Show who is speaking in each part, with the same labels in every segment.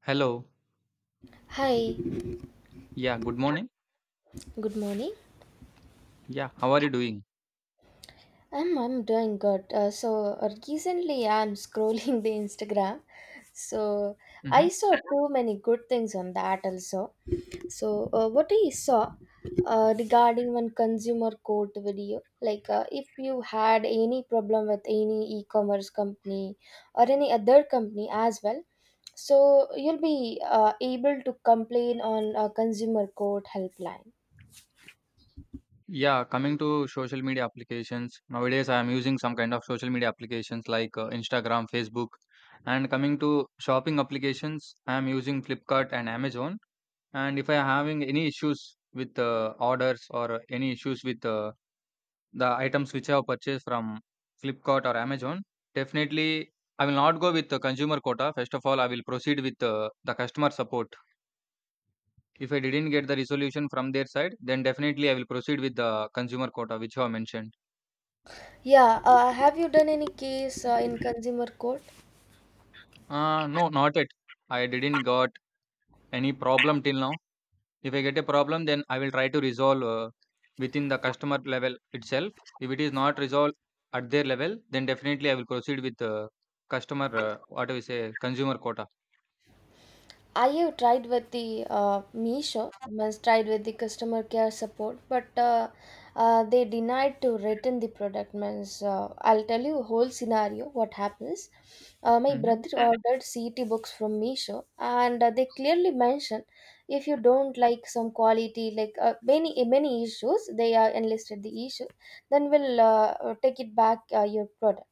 Speaker 1: Hello.
Speaker 2: Hi,
Speaker 1: Yeah, good morning.
Speaker 2: good morning.
Speaker 1: Yeah, how are you doing?
Speaker 2: I'm doing good. So recently I'm scrolling the Instagram. So I
Speaker 1: Mm-hmm.
Speaker 2: saw too many good things on that also. So what I saw regarding one consumer court video, like if you had any problem with any e-commerce company or any other company as well, so you'll be able to complain on a consumer court helpline.
Speaker 1: Yeah, coming to social media applications. Nowadays, I am using some kind of social media applications like Instagram, Facebook. And coming to shopping applications, I am using Flipkart and Amazon. And if I am having any issues with orders or any issues with the items which I have purchased from Flipkart or Amazon, definitely I will not go with the consumer quota. First of all, I will proceed with the customer support. If I didn't get the resolution from their side, then definitely I will proceed with the consumer quota which you have mentioned.
Speaker 2: Yeah, have you done any case in consumer court?
Speaker 1: No, not yet. I didn't got any problem till now. If I get a problem, then I will try to resolve within the customer level itself. If it is not resolved at their level, then definitely I will proceed with the customer, what do we say, consumer quota.
Speaker 2: I have tried with the Meesho, means tried with the customer care support, but they denied to return the product. Means I'll tell you whole scenario what happens. My
Speaker 1: Hmm.
Speaker 2: brother ordered CET books from Meesho, and they clearly mention if you don't like some quality, like many issues, they enlisted the issue, then we'll take it back your product.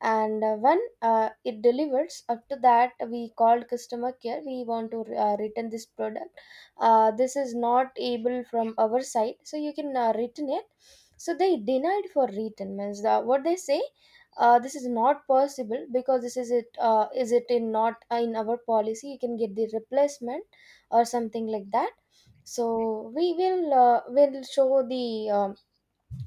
Speaker 2: And when it delivers, after that we called customer care. We want to return this product. This is not able from our side, so you can return it. So they denied for return, means the, what they say, this is not possible because this is it, is it in not, in our policy. You can get the replacement or something like that. So we will show the, um,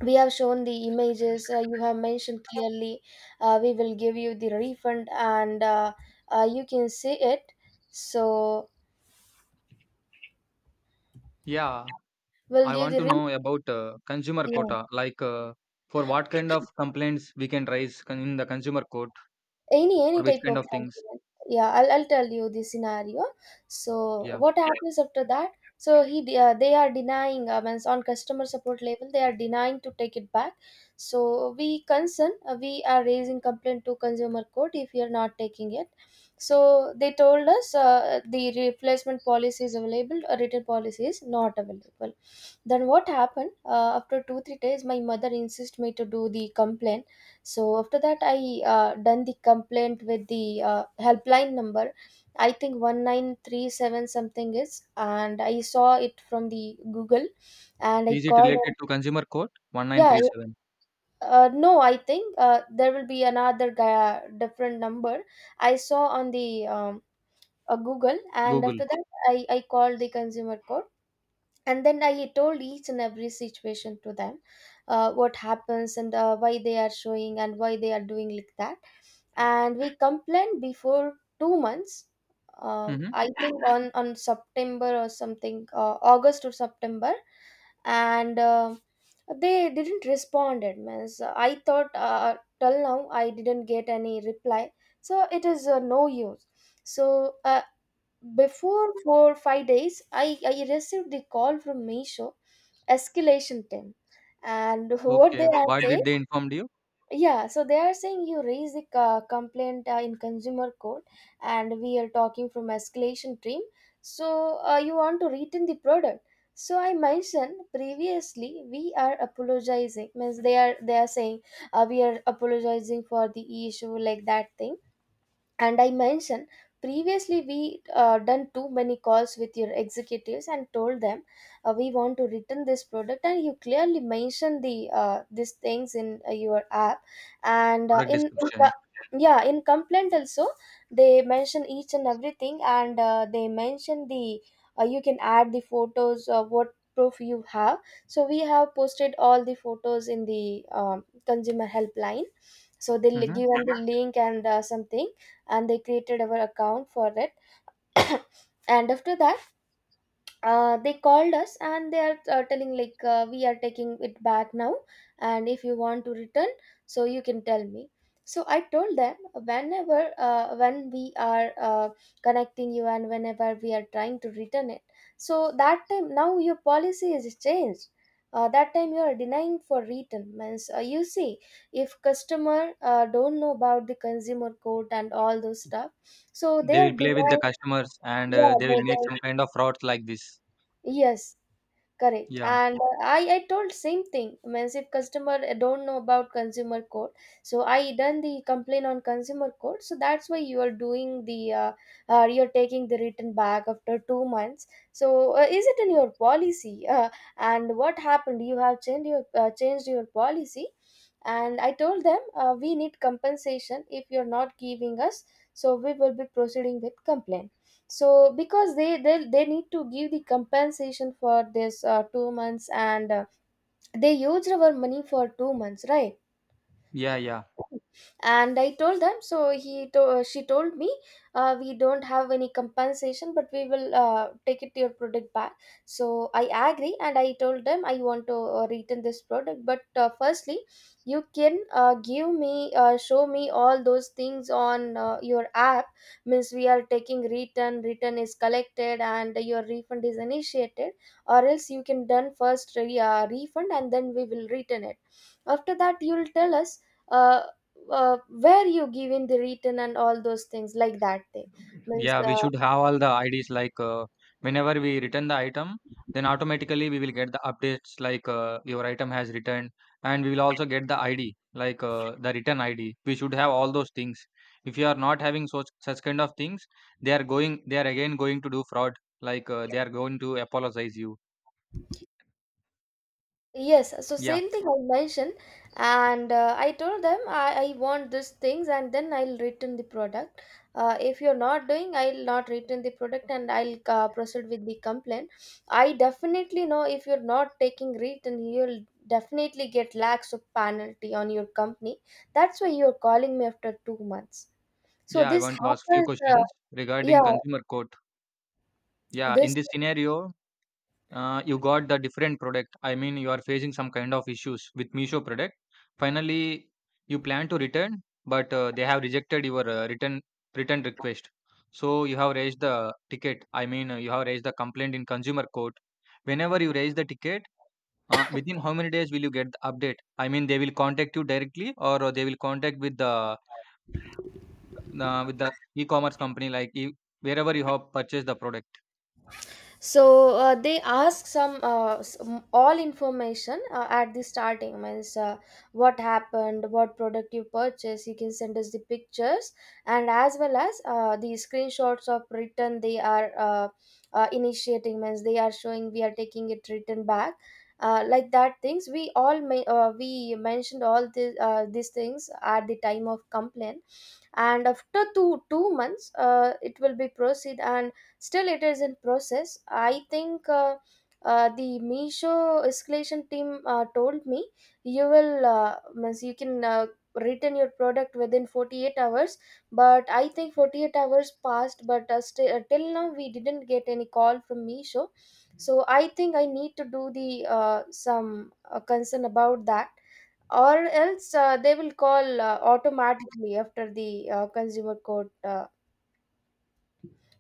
Speaker 2: we have shown the images. You have mentioned clearly we will give you the refund, and you can see it. So
Speaker 1: Yeah,
Speaker 2: we'll
Speaker 1: I
Speaker 2: give
Speaker 1: want
Speaker 2: the
Speaker 1: to know about consumer
Speaker 2: refund.
Speaker 1: quota, like for what kind of complaints we can raise in the consumer court,
Speaker 2: Any
Speaker 1: for which
Speaker 2: type
Speaker 1: kind
Speaker 2: of
Speaker 1: of things.
Speaker 2: compliment. Yeah, I'll tell you the scenario. So
Speaker 1: Yeah.
Speaker 2: what happens after that. So they are denying, means on customer support level they are denying to take it back. So we concern, we are raising complaint to consumer court if you are not taking it. So they told us the replacement policy is available, a written policy is not available. Then what happened? After 2 to 3 days my mother insist me to do the complaint. So after that, I done the complaint with the helpline number. I think 1937 something is, and I saw it from the Google, and I
Speaker 1: Is it
Speaker 2: called.
Speaker 1: related to Consumer Code
Speaker 2: Yeah,
Speaker 1: 1937?
Speaker 2: no, I think there will be another guy, different number. I saw on the Google, and
Speaker 1: Google.
Speaker 2: after that, I called the consumer court, and then I told each and every situation to them, what happens and why they are showing and why they are doing like that. And we complained before 2 months.
Speaker 1: Mhm.
Speaker 2: I think on september or something, august or september. And they didn't responded, means I thought, till now I didn't get any reply, so it is no use. So uh, before 4 to 5 days, I received the call from Meesho, escalation team, and what they
Speaker 1: Okay.
Speaker 2: are
Speaker 1: What
Speaker 2: Okay. saying,
Speaker 1: did they informed you?
Speaker 2: yeah. So they are saying you raise the complaint in consumer court, and we are talking from escalation team. So you want to return the product. So I mentioned previously we are apologizing, means they are saying, we are apologizing for the issue, like that thing. And I mentioned previously we done too many calls with your executives and told them we want to return this product, and you clearly mentioned the these things in your app, and
Speaker 1: Product
Speaker 2: in
Speaker 1: description.
Speaker 2: yeah, in complaint also they mention each and everything, and they mention the, you can add the photos of what proof you have. So we have posted all the photos in the, um, consumer helpline. So they'll
Speaker 1: Mhm.
Speaker 2: given the link and something, and they created our account for that. And after that they called us, and they are telling like we are taking it back now. And if you want to return, so you can tell me. So I told them whenever when we are connecting you and whenever we are trying to return it, so that time now your policy is changed. That time you are denying for return, means, you see, if customer don't know about the consumer code and all those stuff, so they
Speaker 1: They
Speaker 2: are
Speaker 1: will play with the
Speaker 2: denying.
Speaker 1: customers and
Speaker 2: Yeah,
Speaker 1: they will make some kind of frauds like this.
Speaker 2: yes. Correct.
Speaker 1: Yeah.
Speaker 2: And I told same thing. Means if customer don't know about consumer code, so I done the complaint on consumer code. So that's why you are doing the, you're taking the return back after 2 months. So is it in your policy? And what happened? You have changed your policy, and I told them we need compensation if you're not giving us. So we will be proceeding with complaint. So because they need to give the compensation for this 2 months, and they used our money for 2 months, right?
Speaker 1: Yeah, yeah.
Speaker 2: And I told them. So she told me, we don't have any compensation, but we will take it your product back. So I agree, and I told them I want to return this product, but firstly you can give me, show me all those things on your app. Means we are taking return, return is collected and your refund is initiated, or else you can done first refund, and then we will return it. After that you will tell us uh, where you give in the return and all those things like that thing, means
Speaker 1: Yeah, we should have all the IDs like whenever we return the item, then automatically we will get the updates like your item has returned, and we will also get the ID like the return ID. We should have all those things. If you are not having such kind of things, they are again going to do fraud. Like they are going to apologize you.
Speaker 2: yes. So
Speaker 1: Yeah,
Speaker 2: same thing I mentioned, and I told them I want these things and then I'll return the product. If you're not doing, I'll not return the product, and I'll proceed with the complaint. I definitely know, if you're not taking return, you'll definitely get lakhs of penalty on your company. That's why you're calling me after 2 months. So
Speaker 1: yeah. I
Speaker 2: this
Speaker 1: want to ask few
Speaker 2: happens,
Speaker 1: questions regarding
Speaker 2: yeah,
Speaker 1: consumer court. Yeah, in
Speaker 2: this.
Speaker 1: this scenario, you got the different product. I mean, you are facing some kind of issues with Meesho product. Finally, you plan to return, but they have rejected your return request. So you have raised the ticket. I mean, you have raised the complaint in consumer court. Whenever you raise the ticket, within how many days will you get the update? I mean, they will contact you directly or they will contact with the with the e-commerce company, like wherever you have purchased the product.
Speaker 2: So they ask some all information at the starting, means what happened, what product you purchase. You can send us the pictures, and as well as the screenshots of return they are initiating, means they are showing we are taking it return back, like that things we all we mentioned all the, these things at the time of complaint. And after two months it will be proceed, and still it is in process. I think the Misho escalation team told me you will means you can return your product within 48 hours. But I think 48 hours passed, but till now we didn't get any call from Misho. So I think I need to do the some concern about that, or else they will call automatically after the consumer court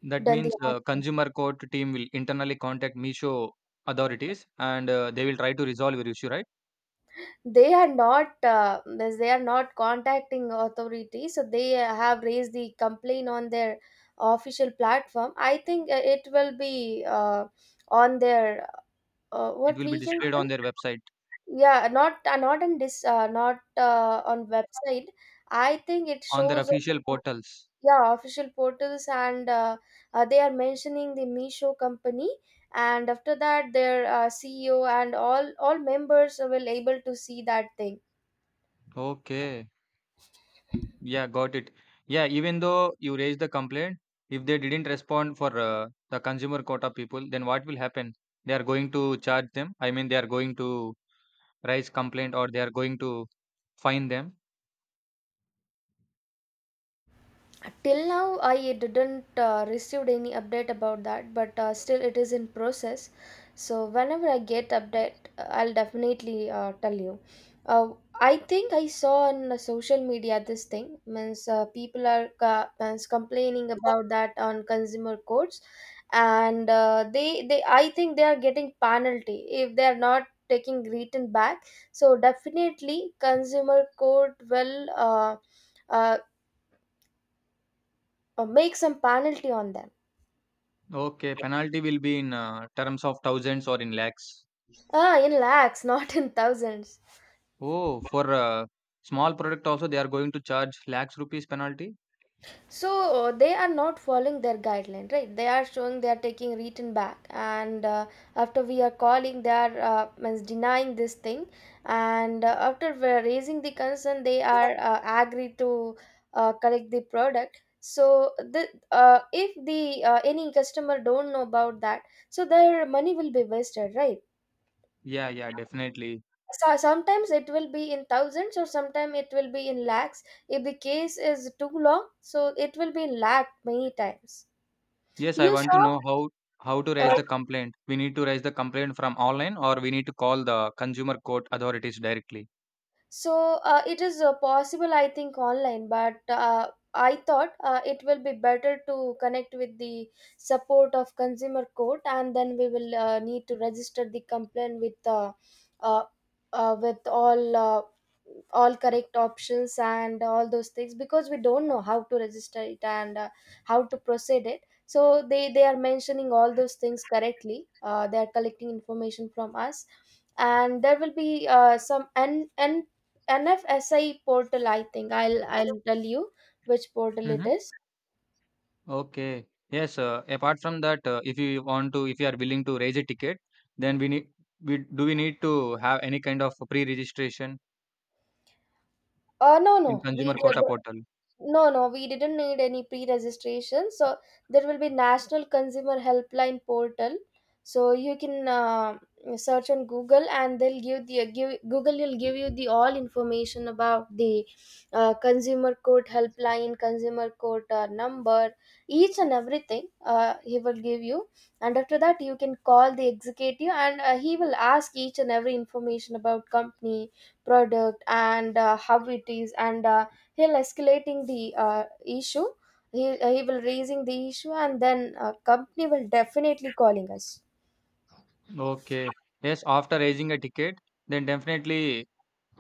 Speaker 1: That
Speaker 2: done the
Speaker 1: means
Speaker 2: action.
Speaker 1: consumer court team will internally contact Meesho authorities and they will try to resolve your issue, right?
Speaker 2: They are not, means they are not contacting authority, so they have raised the complaint on their official platform. I think it will be on their,
Speaker 1: It
Speaker 2: what
Speaker 1: will be
Speaker 2: we can
Speaker 1: displayed
Speaker 2: say.
Speaker 1: on their website,
Speaker 2: Yeah, not in this, not on website. I think it
Speaker 1: on their
Speaker 2: shows,
Speaker 1: official portals.
Speaker 2: yeah, official portals. And they are mentioning the Meesho company, and after that their CEO and all members will able to see that thing.
Speaker 1: Okay. Yeah, got it. Yeah, even though you raised the complaint, if they didn't respond for the consumer quota people, then what will happen? They are going to charge them. I mean, they are going to raise complaint or they are going to fine them.
Speaker 2: Till now I didn't received any update about that, but still it is in process. So whenever I get update, I'll definitely tell you. uh, I think I saw on the social media this thing, means people are means complaining about that on consumer courts. And they I think they are getting penalty if they are not taking written back. So definitely consumer court will uh, or make some penalty on them.
Speaker 1: Okay, penalty will be in terms of thousands or in lakhs.
Speaker 2: Ah, in lakhs, not in thousands.
Speaker 1: Oh, for small product also they are going to charge lakhs rupees penalty?
Speaker 2: So they are not following their guideline, right? They are showing they are taking written back, and after we are calling, they are means denying this thing. And after we are raising the concern, they are agree to correct the product. So the, if the, any customer don't know about that, so their money will be wasted, right?
Speaker 1: Yeah, yeah, definitely.
Speaker 2: So sometimes it will be in thousands, or sometimes it will be in lakhs. If the case is too long, so it will be in lakh many times.
Speaker 1: Yes, I
Speaker 2: You
Speaker 1: want to
Speaker 2: saw.
Speaker 1: know how to raise
Speaker 2: uh,
Speaker 1: the complaint. We need to raise the complaint from online or we need to call the consumer court authorities directly.
Speaker 2: so uh, it is possible, I think, online, but I thought it will be better to connect with the support of consumer court, and then we will need to register the complaint uh, with all correct options and all those things, because we don't know how to register it, and how to proceed it. So they are mentioning all those things correctly. They are collecting information from us, and there will be some n n NFSI portal, I think. I'll tell you which portal it
Speaker 1: Mm-hmm.
Speaker 2: is.
Speaker 1: Okay. Yes, apart from that, if you want to, if you are willing to raise a ticket, then we need to have any kind of pre-registration
Speaker 2: No,
Speaker 1: in
Speaker 2: no, we
Speaker 1: consumer quota
Speaker 2: do.
Speaker 1: portal.
Speaker 2: No, no, we didn't need any pre-registration. So there will be National Consumer Helpline portal. So you can search on Google, and they'll give the give Google will give you the all information about the consumer court helpline, consumer court number, each and everything. He will give you, and after that you can call the executive, and he will ask each and every information about company, product, and how it is, and he'll escalating the issue. He will raising the issue, and then company will definitely calling us.
Speaker 1: Okay. Yes, after raising a ticket, then definitely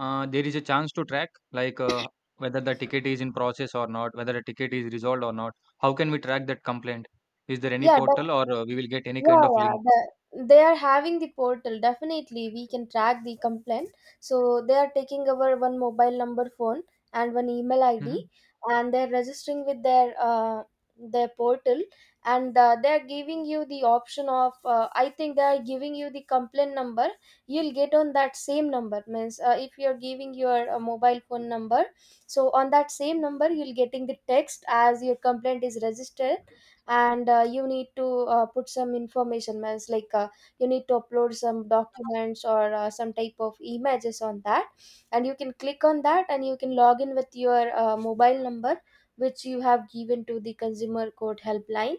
Speaker 1: There is a chance to track, like whether the ticket is in process or not, whether the ticket is resolved or not. How can we track that complaint? Is there any
Speaker 2: Yeah.
Speaker 1: portal or we will get any kind
Speaker 2: Yeah,
Speaker 1: of
Speaker 2: yeah.
Speaker 1: link?
Speaker 2: The, they are having the portal. Definitely, we can track the complaint. So they are taking our one mobile number, phone, and one email ID,
Speaker 1: Hmm.
Speaker 2: and they're registering with their portal, and they're giving you the option of. I think they are giving you the complaint number. You'll get on that same number. Means if you're giving your mobile phone number, so on that same number you'll getting the text as your complaint is registered, and you need to put some information, means like you need to upload some documents or some type of images on that, and you can click on that, and you can log in with your mobile number which you have given to the consumer court helpline,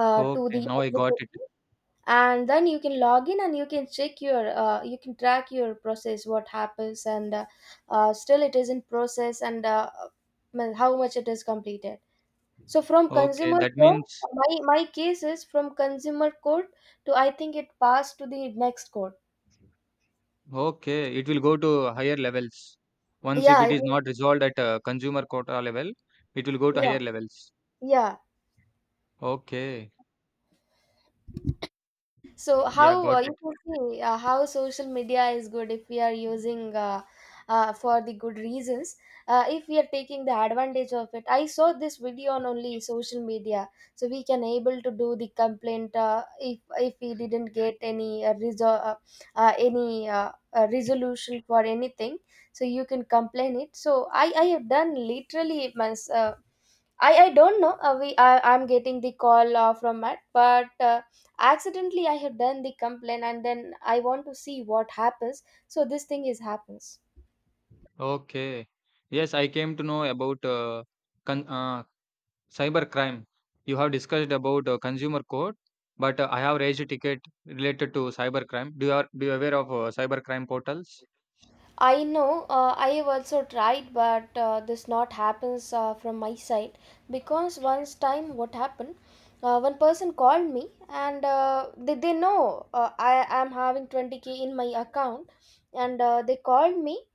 Speaker 2: to the
Speaker 1: Okay, now I got it.
Speaker 2: executive. And then you can log in, and you can check your you can track your process, what happens, and still it is in process, and well, how much it is completed. So from
Speaker 1: Okay,
Speaker 2: consumer
Speaker 1: that
Speaker 2: court,
Speaker 1: means
Speaker 2: my case is from consumer court to, I think, it passed to the next court.
Speaker 1: okay, it will go to higher levels. Once
Speaker 2: Yeah,
Speaker 1: if
Speaker 2: I
Speaker 1: it is
Speaker 2: do.
Speaker 1: not resolved at consumer quota level, it will go to
Speaker 2: Yeah,
Speaker 1: higher levels.
Speaker 2: yeah.
Speaker 1: Okay,
Speaker 2: So
Speaker 1: yeah,
Speaker 2: how
Speaker 1: got it.
Speaker 2: you can see how social media is good if we are using for the good reasons. If we are taking the advantage of it, I saw this video on only social media, so we can able to do the complaint if we didn't get any resolution for anything. So you can complain it. So I have done literally my. I don't know. We I'm getting the call from Matt, but accidentally I have done the complaint, and then I want to see what happens. So this thing is happens.
Speaker 1: Okay, yes, I came to know about con- uh, cybercrime. You have discussed about consumer code, but I have raised a ticket related to cybercrime. Do you aware of cybercrime portals?
Speaker 2: I know. I have also tried, but this not happens from my side, because once time what happened. One person called me, and they know I am having 20k in my account, and they called me,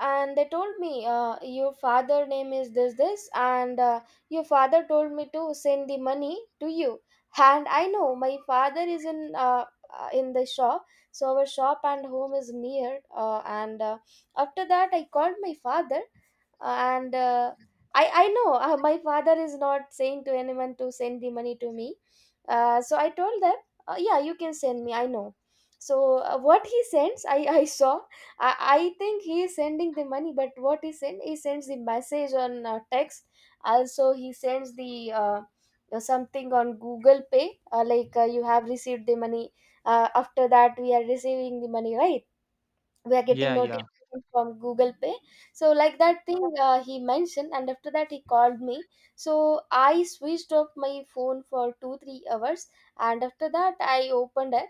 Speaker 2: and they told me, your father name is this, and your father told me to send the money to you. And I know my father is in the shop. So our shop and home is near, and after that I called my father, and I know my father is not saying to anyone to send the money to me. So I told them, yeah, you can send me, I know. So what he sends I saw. I think he is sending the money, but what he send? He sends the message on text. Also, he sends the something on Google Pay, like you have received the money. After that, we are receiving the money, right? We are getting
Speaker 1: Yeah, yeah.
Speaker 2: notification from Google Pay. So like that thing he mentioned, and after that he called me. So I switched off my phone for 2 3 hours, and after that I opened it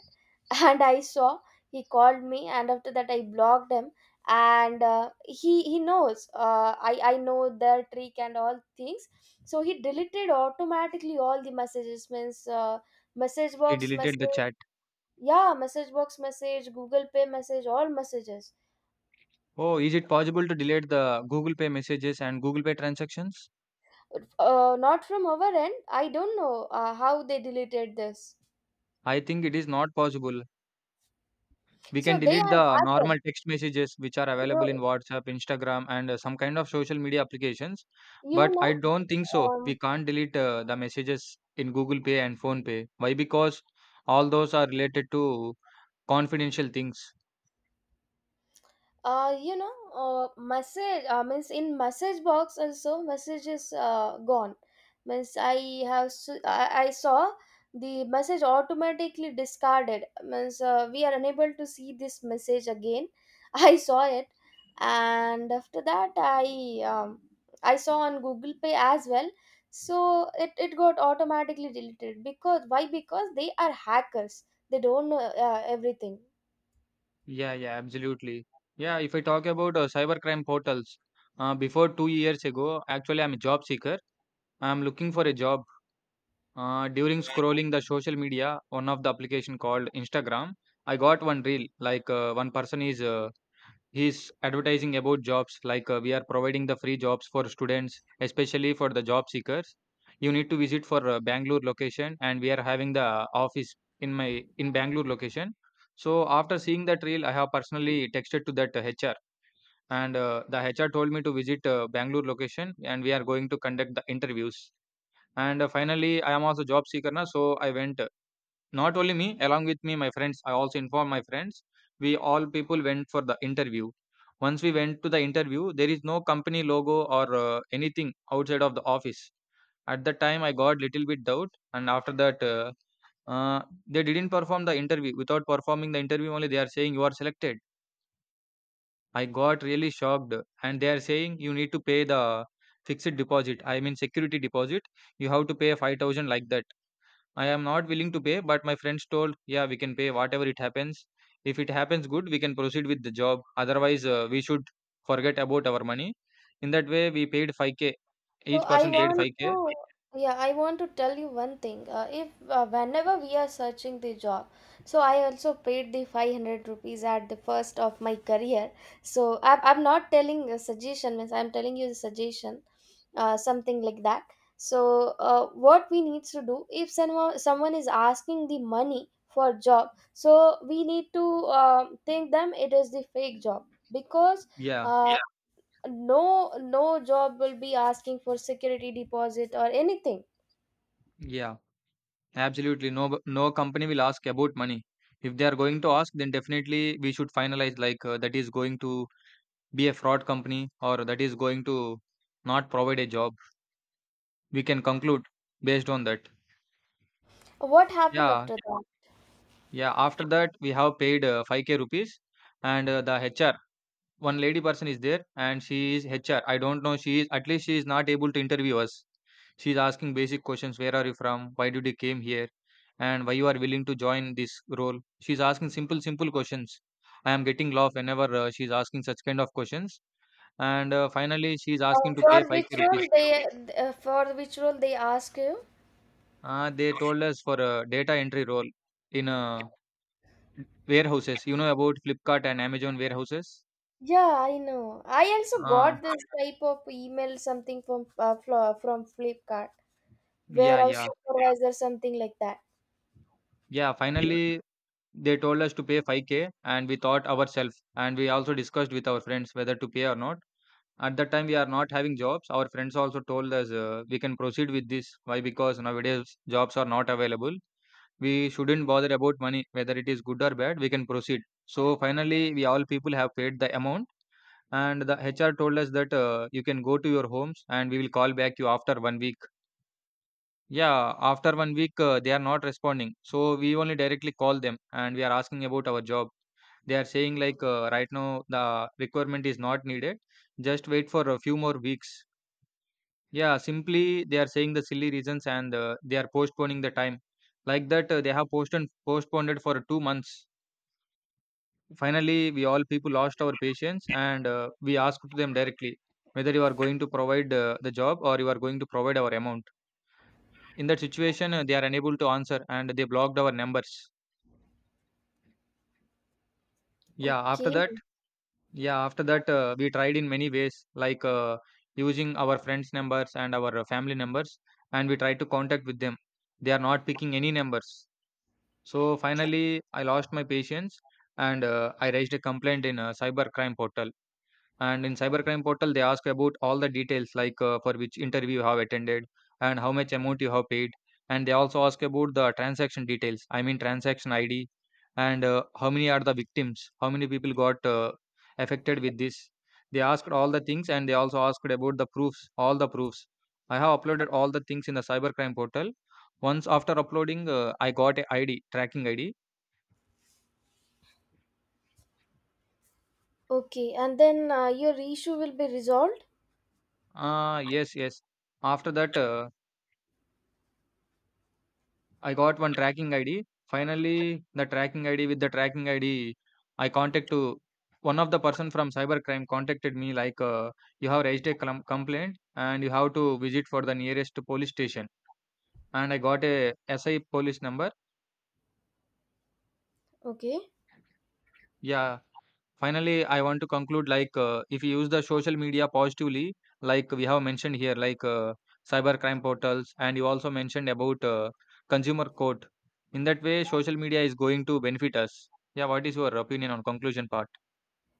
Speaker 2: and I saw he called me, and after that I blocked him. And he knows I know the trick and all things. So he deleted automatically all the messages, means message
Speaker 1: He
Speaker 2: box
Speaker 1: deleted the
Speaker 2: message.
Speaker 1: chat.
Speaker 2: Yeah, message box message, Google Pay message, all messages.
Speaker 1: Oh, is it possible to delete the Google Pay messages and Google Pay transactions?
Speaker 2: Not from our end. I don't know how they deleted this.
Speaker 1: I think it is not possible. We
Speaker 2: So
Speaker 1: can
Speaker 2: they
Speaker 1: delete
Speaker 2: are
Speaker 1: the
Speaker 2: hackers.
Speaker 1: normal text messages which are available in
Speaker 2: You
Speaker 1: WhatsApp, Instagram, and some kind of social media applications.
Speaker 2: you
Speaker 1: But I
Speaker 2: know.
Speaker 1: don't think so. We
Speaker 2: Um,
Speaker 1: can't delete the messages in Google Pay and Phone Pay. Why? Because all those are related to confidential things.
Speaker 2: Message means in message box also message is gone. Means I have s- I saw the message automatically discarded, means we are unable to see this message again. I saw it, and after that I saw on Google Pay as well. So it got automatically deleted, because why? Because they are hackers. They don't know everything.
Speaker 1: Yeah, yeah, absolutely. Yeah, if I talk about cybercrime portals, before 2 years ago, actually, I'm a job seeker. I'm looking for a job. During scrolling the social media, one of the application called Instagram, I got one reel like one person is he's advertising about jobs like we are providing the free jobs for students, especially for the job seekers. You need to visit for Bangalore location, and we are having the office in Bangalore location. So after seeing that reel, I have personally texted to that HR, and the HR told me to visit Bangalore location, and we are going to conduct the interviews. And finally, I am also job seeker na, so I went. Not only me, along with me, my friends. I also informed my friends. We all people went for the interview. Once we went to the interview, there is no company logo or anything outside of the office. At that time, I got little bit doubt, and after that, uh, they didn't perform the interview. Without performing the interview, only they are saying you are selected. I got really shocked, and they are saying you need to pay the fixed deposit. I mean security deposit. You have to pay 5,000 like that. I am not willing to pay, but my friends told, yeah, we can pay whatever it happens. If it happens good, we can proceed with the job. Otherwise, we should forget about our money. In that way, we paid 5k.
Speaker 2: So
Speaker 1: Each
Speaker 2: I.
Speaker 1: person
Speaker 2: Okay.
Speaker 1: paid
Speaker 2: Want that to,
Speaker 1: 5k.
Speaker 2: continue. Yeah, I want to tell you one thing. If whenever we are searching the job, so I also paid the 500 rupees at the first of my career. So I'm not telling a suggestion, means I'm telling you the suggestion, something like that. So what we need to do if someone is asking the money for job, so we need to think them it is the fake job. Because
Speaker 1: Yeah,
Speaker 2: uh, no, no job will be asking for security deposit or anything.
Speaker 1: yeah, absolutely. No, no company will ask about money. If they are going to ask, then definitely we should finalize like that is going to be a fraud company or that is going to not provide a job. We can conclude based on that.
Speaker 2: What happened
Speaker 1: Yeah,
Speaker 2: after that?
Speaker 1: yeah, after that we have paid 5k rupees, and the HR one lady person is there and she is HR. I don't know she is at least she is not able to interview us. She is asking basic questions. Where are you from? Why did you came here? And why you are willing to join this role? She is asking simple simple questions. I am getting laugh whenever she is asking such kind of questions. And finally she is asking to pay
Speaker 2: For which
Speaker 1: 5k
Speaker 2: role
Speaker 1: rupees.
Speaker 2: they for which role they ask you?
Speaker 1: They told us for a data entry role in a warehouses. You know about Flipkart and Amazon warehouses?
Speaker 2: Yeah, I know. I also
Speaker 1: Uh,
Speaker 2: got this type of email something from from Flipkart
Speaker 1: yeah,
Speaker 2: warehouse
Speaker 1: yeah,
Speaker 2: supervisor, something like that.
Speaker 1: yeah. Finally, they told us to pay 5k, and we thought ourselves, and we also discussed with our friends whether to pay or not. At that time, we are not having jobs. Our friends also told us we can proceed with this. Why? Because nowadays jobs are not available. We shouldn't bother about money, whether it is good or bad. We can proceed. So finally, we all people have paid the amount, and the HR told us that you can go to your homes, and we will call back you after one week. Yeah, after one week, they are not responding. So we only directly call them and we are asking about our job. They are saying like right now the requirement is not needed. Just wait for a few more weeks. Yeah, simply they are saying the silly reasons and they are postponing the time. Like that, they have postponed it for 2 months. Finally, we all people lost our patience and we asked to them directly whether you are going to provide the job or you are going to provide our amount. In that situation they are unable to answer and they blocked our numbers. Yeah, after
Speaker 2: Okay.
Speaker 1: that. Yeah, after that, we tried in many ways like using our friends numbers and our family numbers and we tried to contact with them. They are not picking any numbers. So finally, I lost my patience and I raised a complaint in a cyber crime portal. And in cybercrime portal, they ask about all the details like for which interview you have attended and how much amount you have paid. And they also ask about the transaction details. I mean transaction ID and how many are the victims, how many people got affected with this. They asked all the things and they also asked about the proofs, all the proofs. I have uploaded all the things in the cybercrime portal. Once after uploading, I got a ID tracking ID.
Speaker 2: Okay, and then your issue will be resolved?
Speaker 1: Ah, yes, yes. After that. I got one tracking ID. Finally, the tracking ID, with the tracking ID, I contact to one of the person from cybercrime contacted me like you have raised a complaint and you have to visit for the nearest police station. And I got a SI police number.
Speaker 2: Okay.
Speaker 1: Yeah, finally, I want to conclude like if you use the social media positively, like we have mentioned here, like cyber crime portals, and you also mentioned about consumer court. In that way, social media is going to benefit us. Yeah, what is your opinion on conclusion part?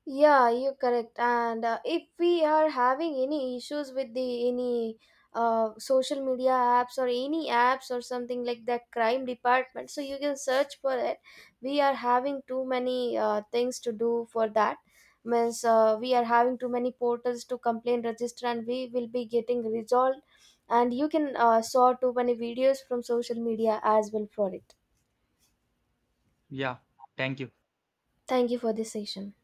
Speaker 2: Yeah, you're correct. And if we are having any issues with the any social media apps or any apps or something like that crime department, so you can search for it. We are having too many things to do for that. Means we are having too many portals to complain register, and we will be getting resolved. And you can saw too many videos from social media as well for it.
Speaker 1: Yeah, thank you.
Speaker 2: Thank you for this session.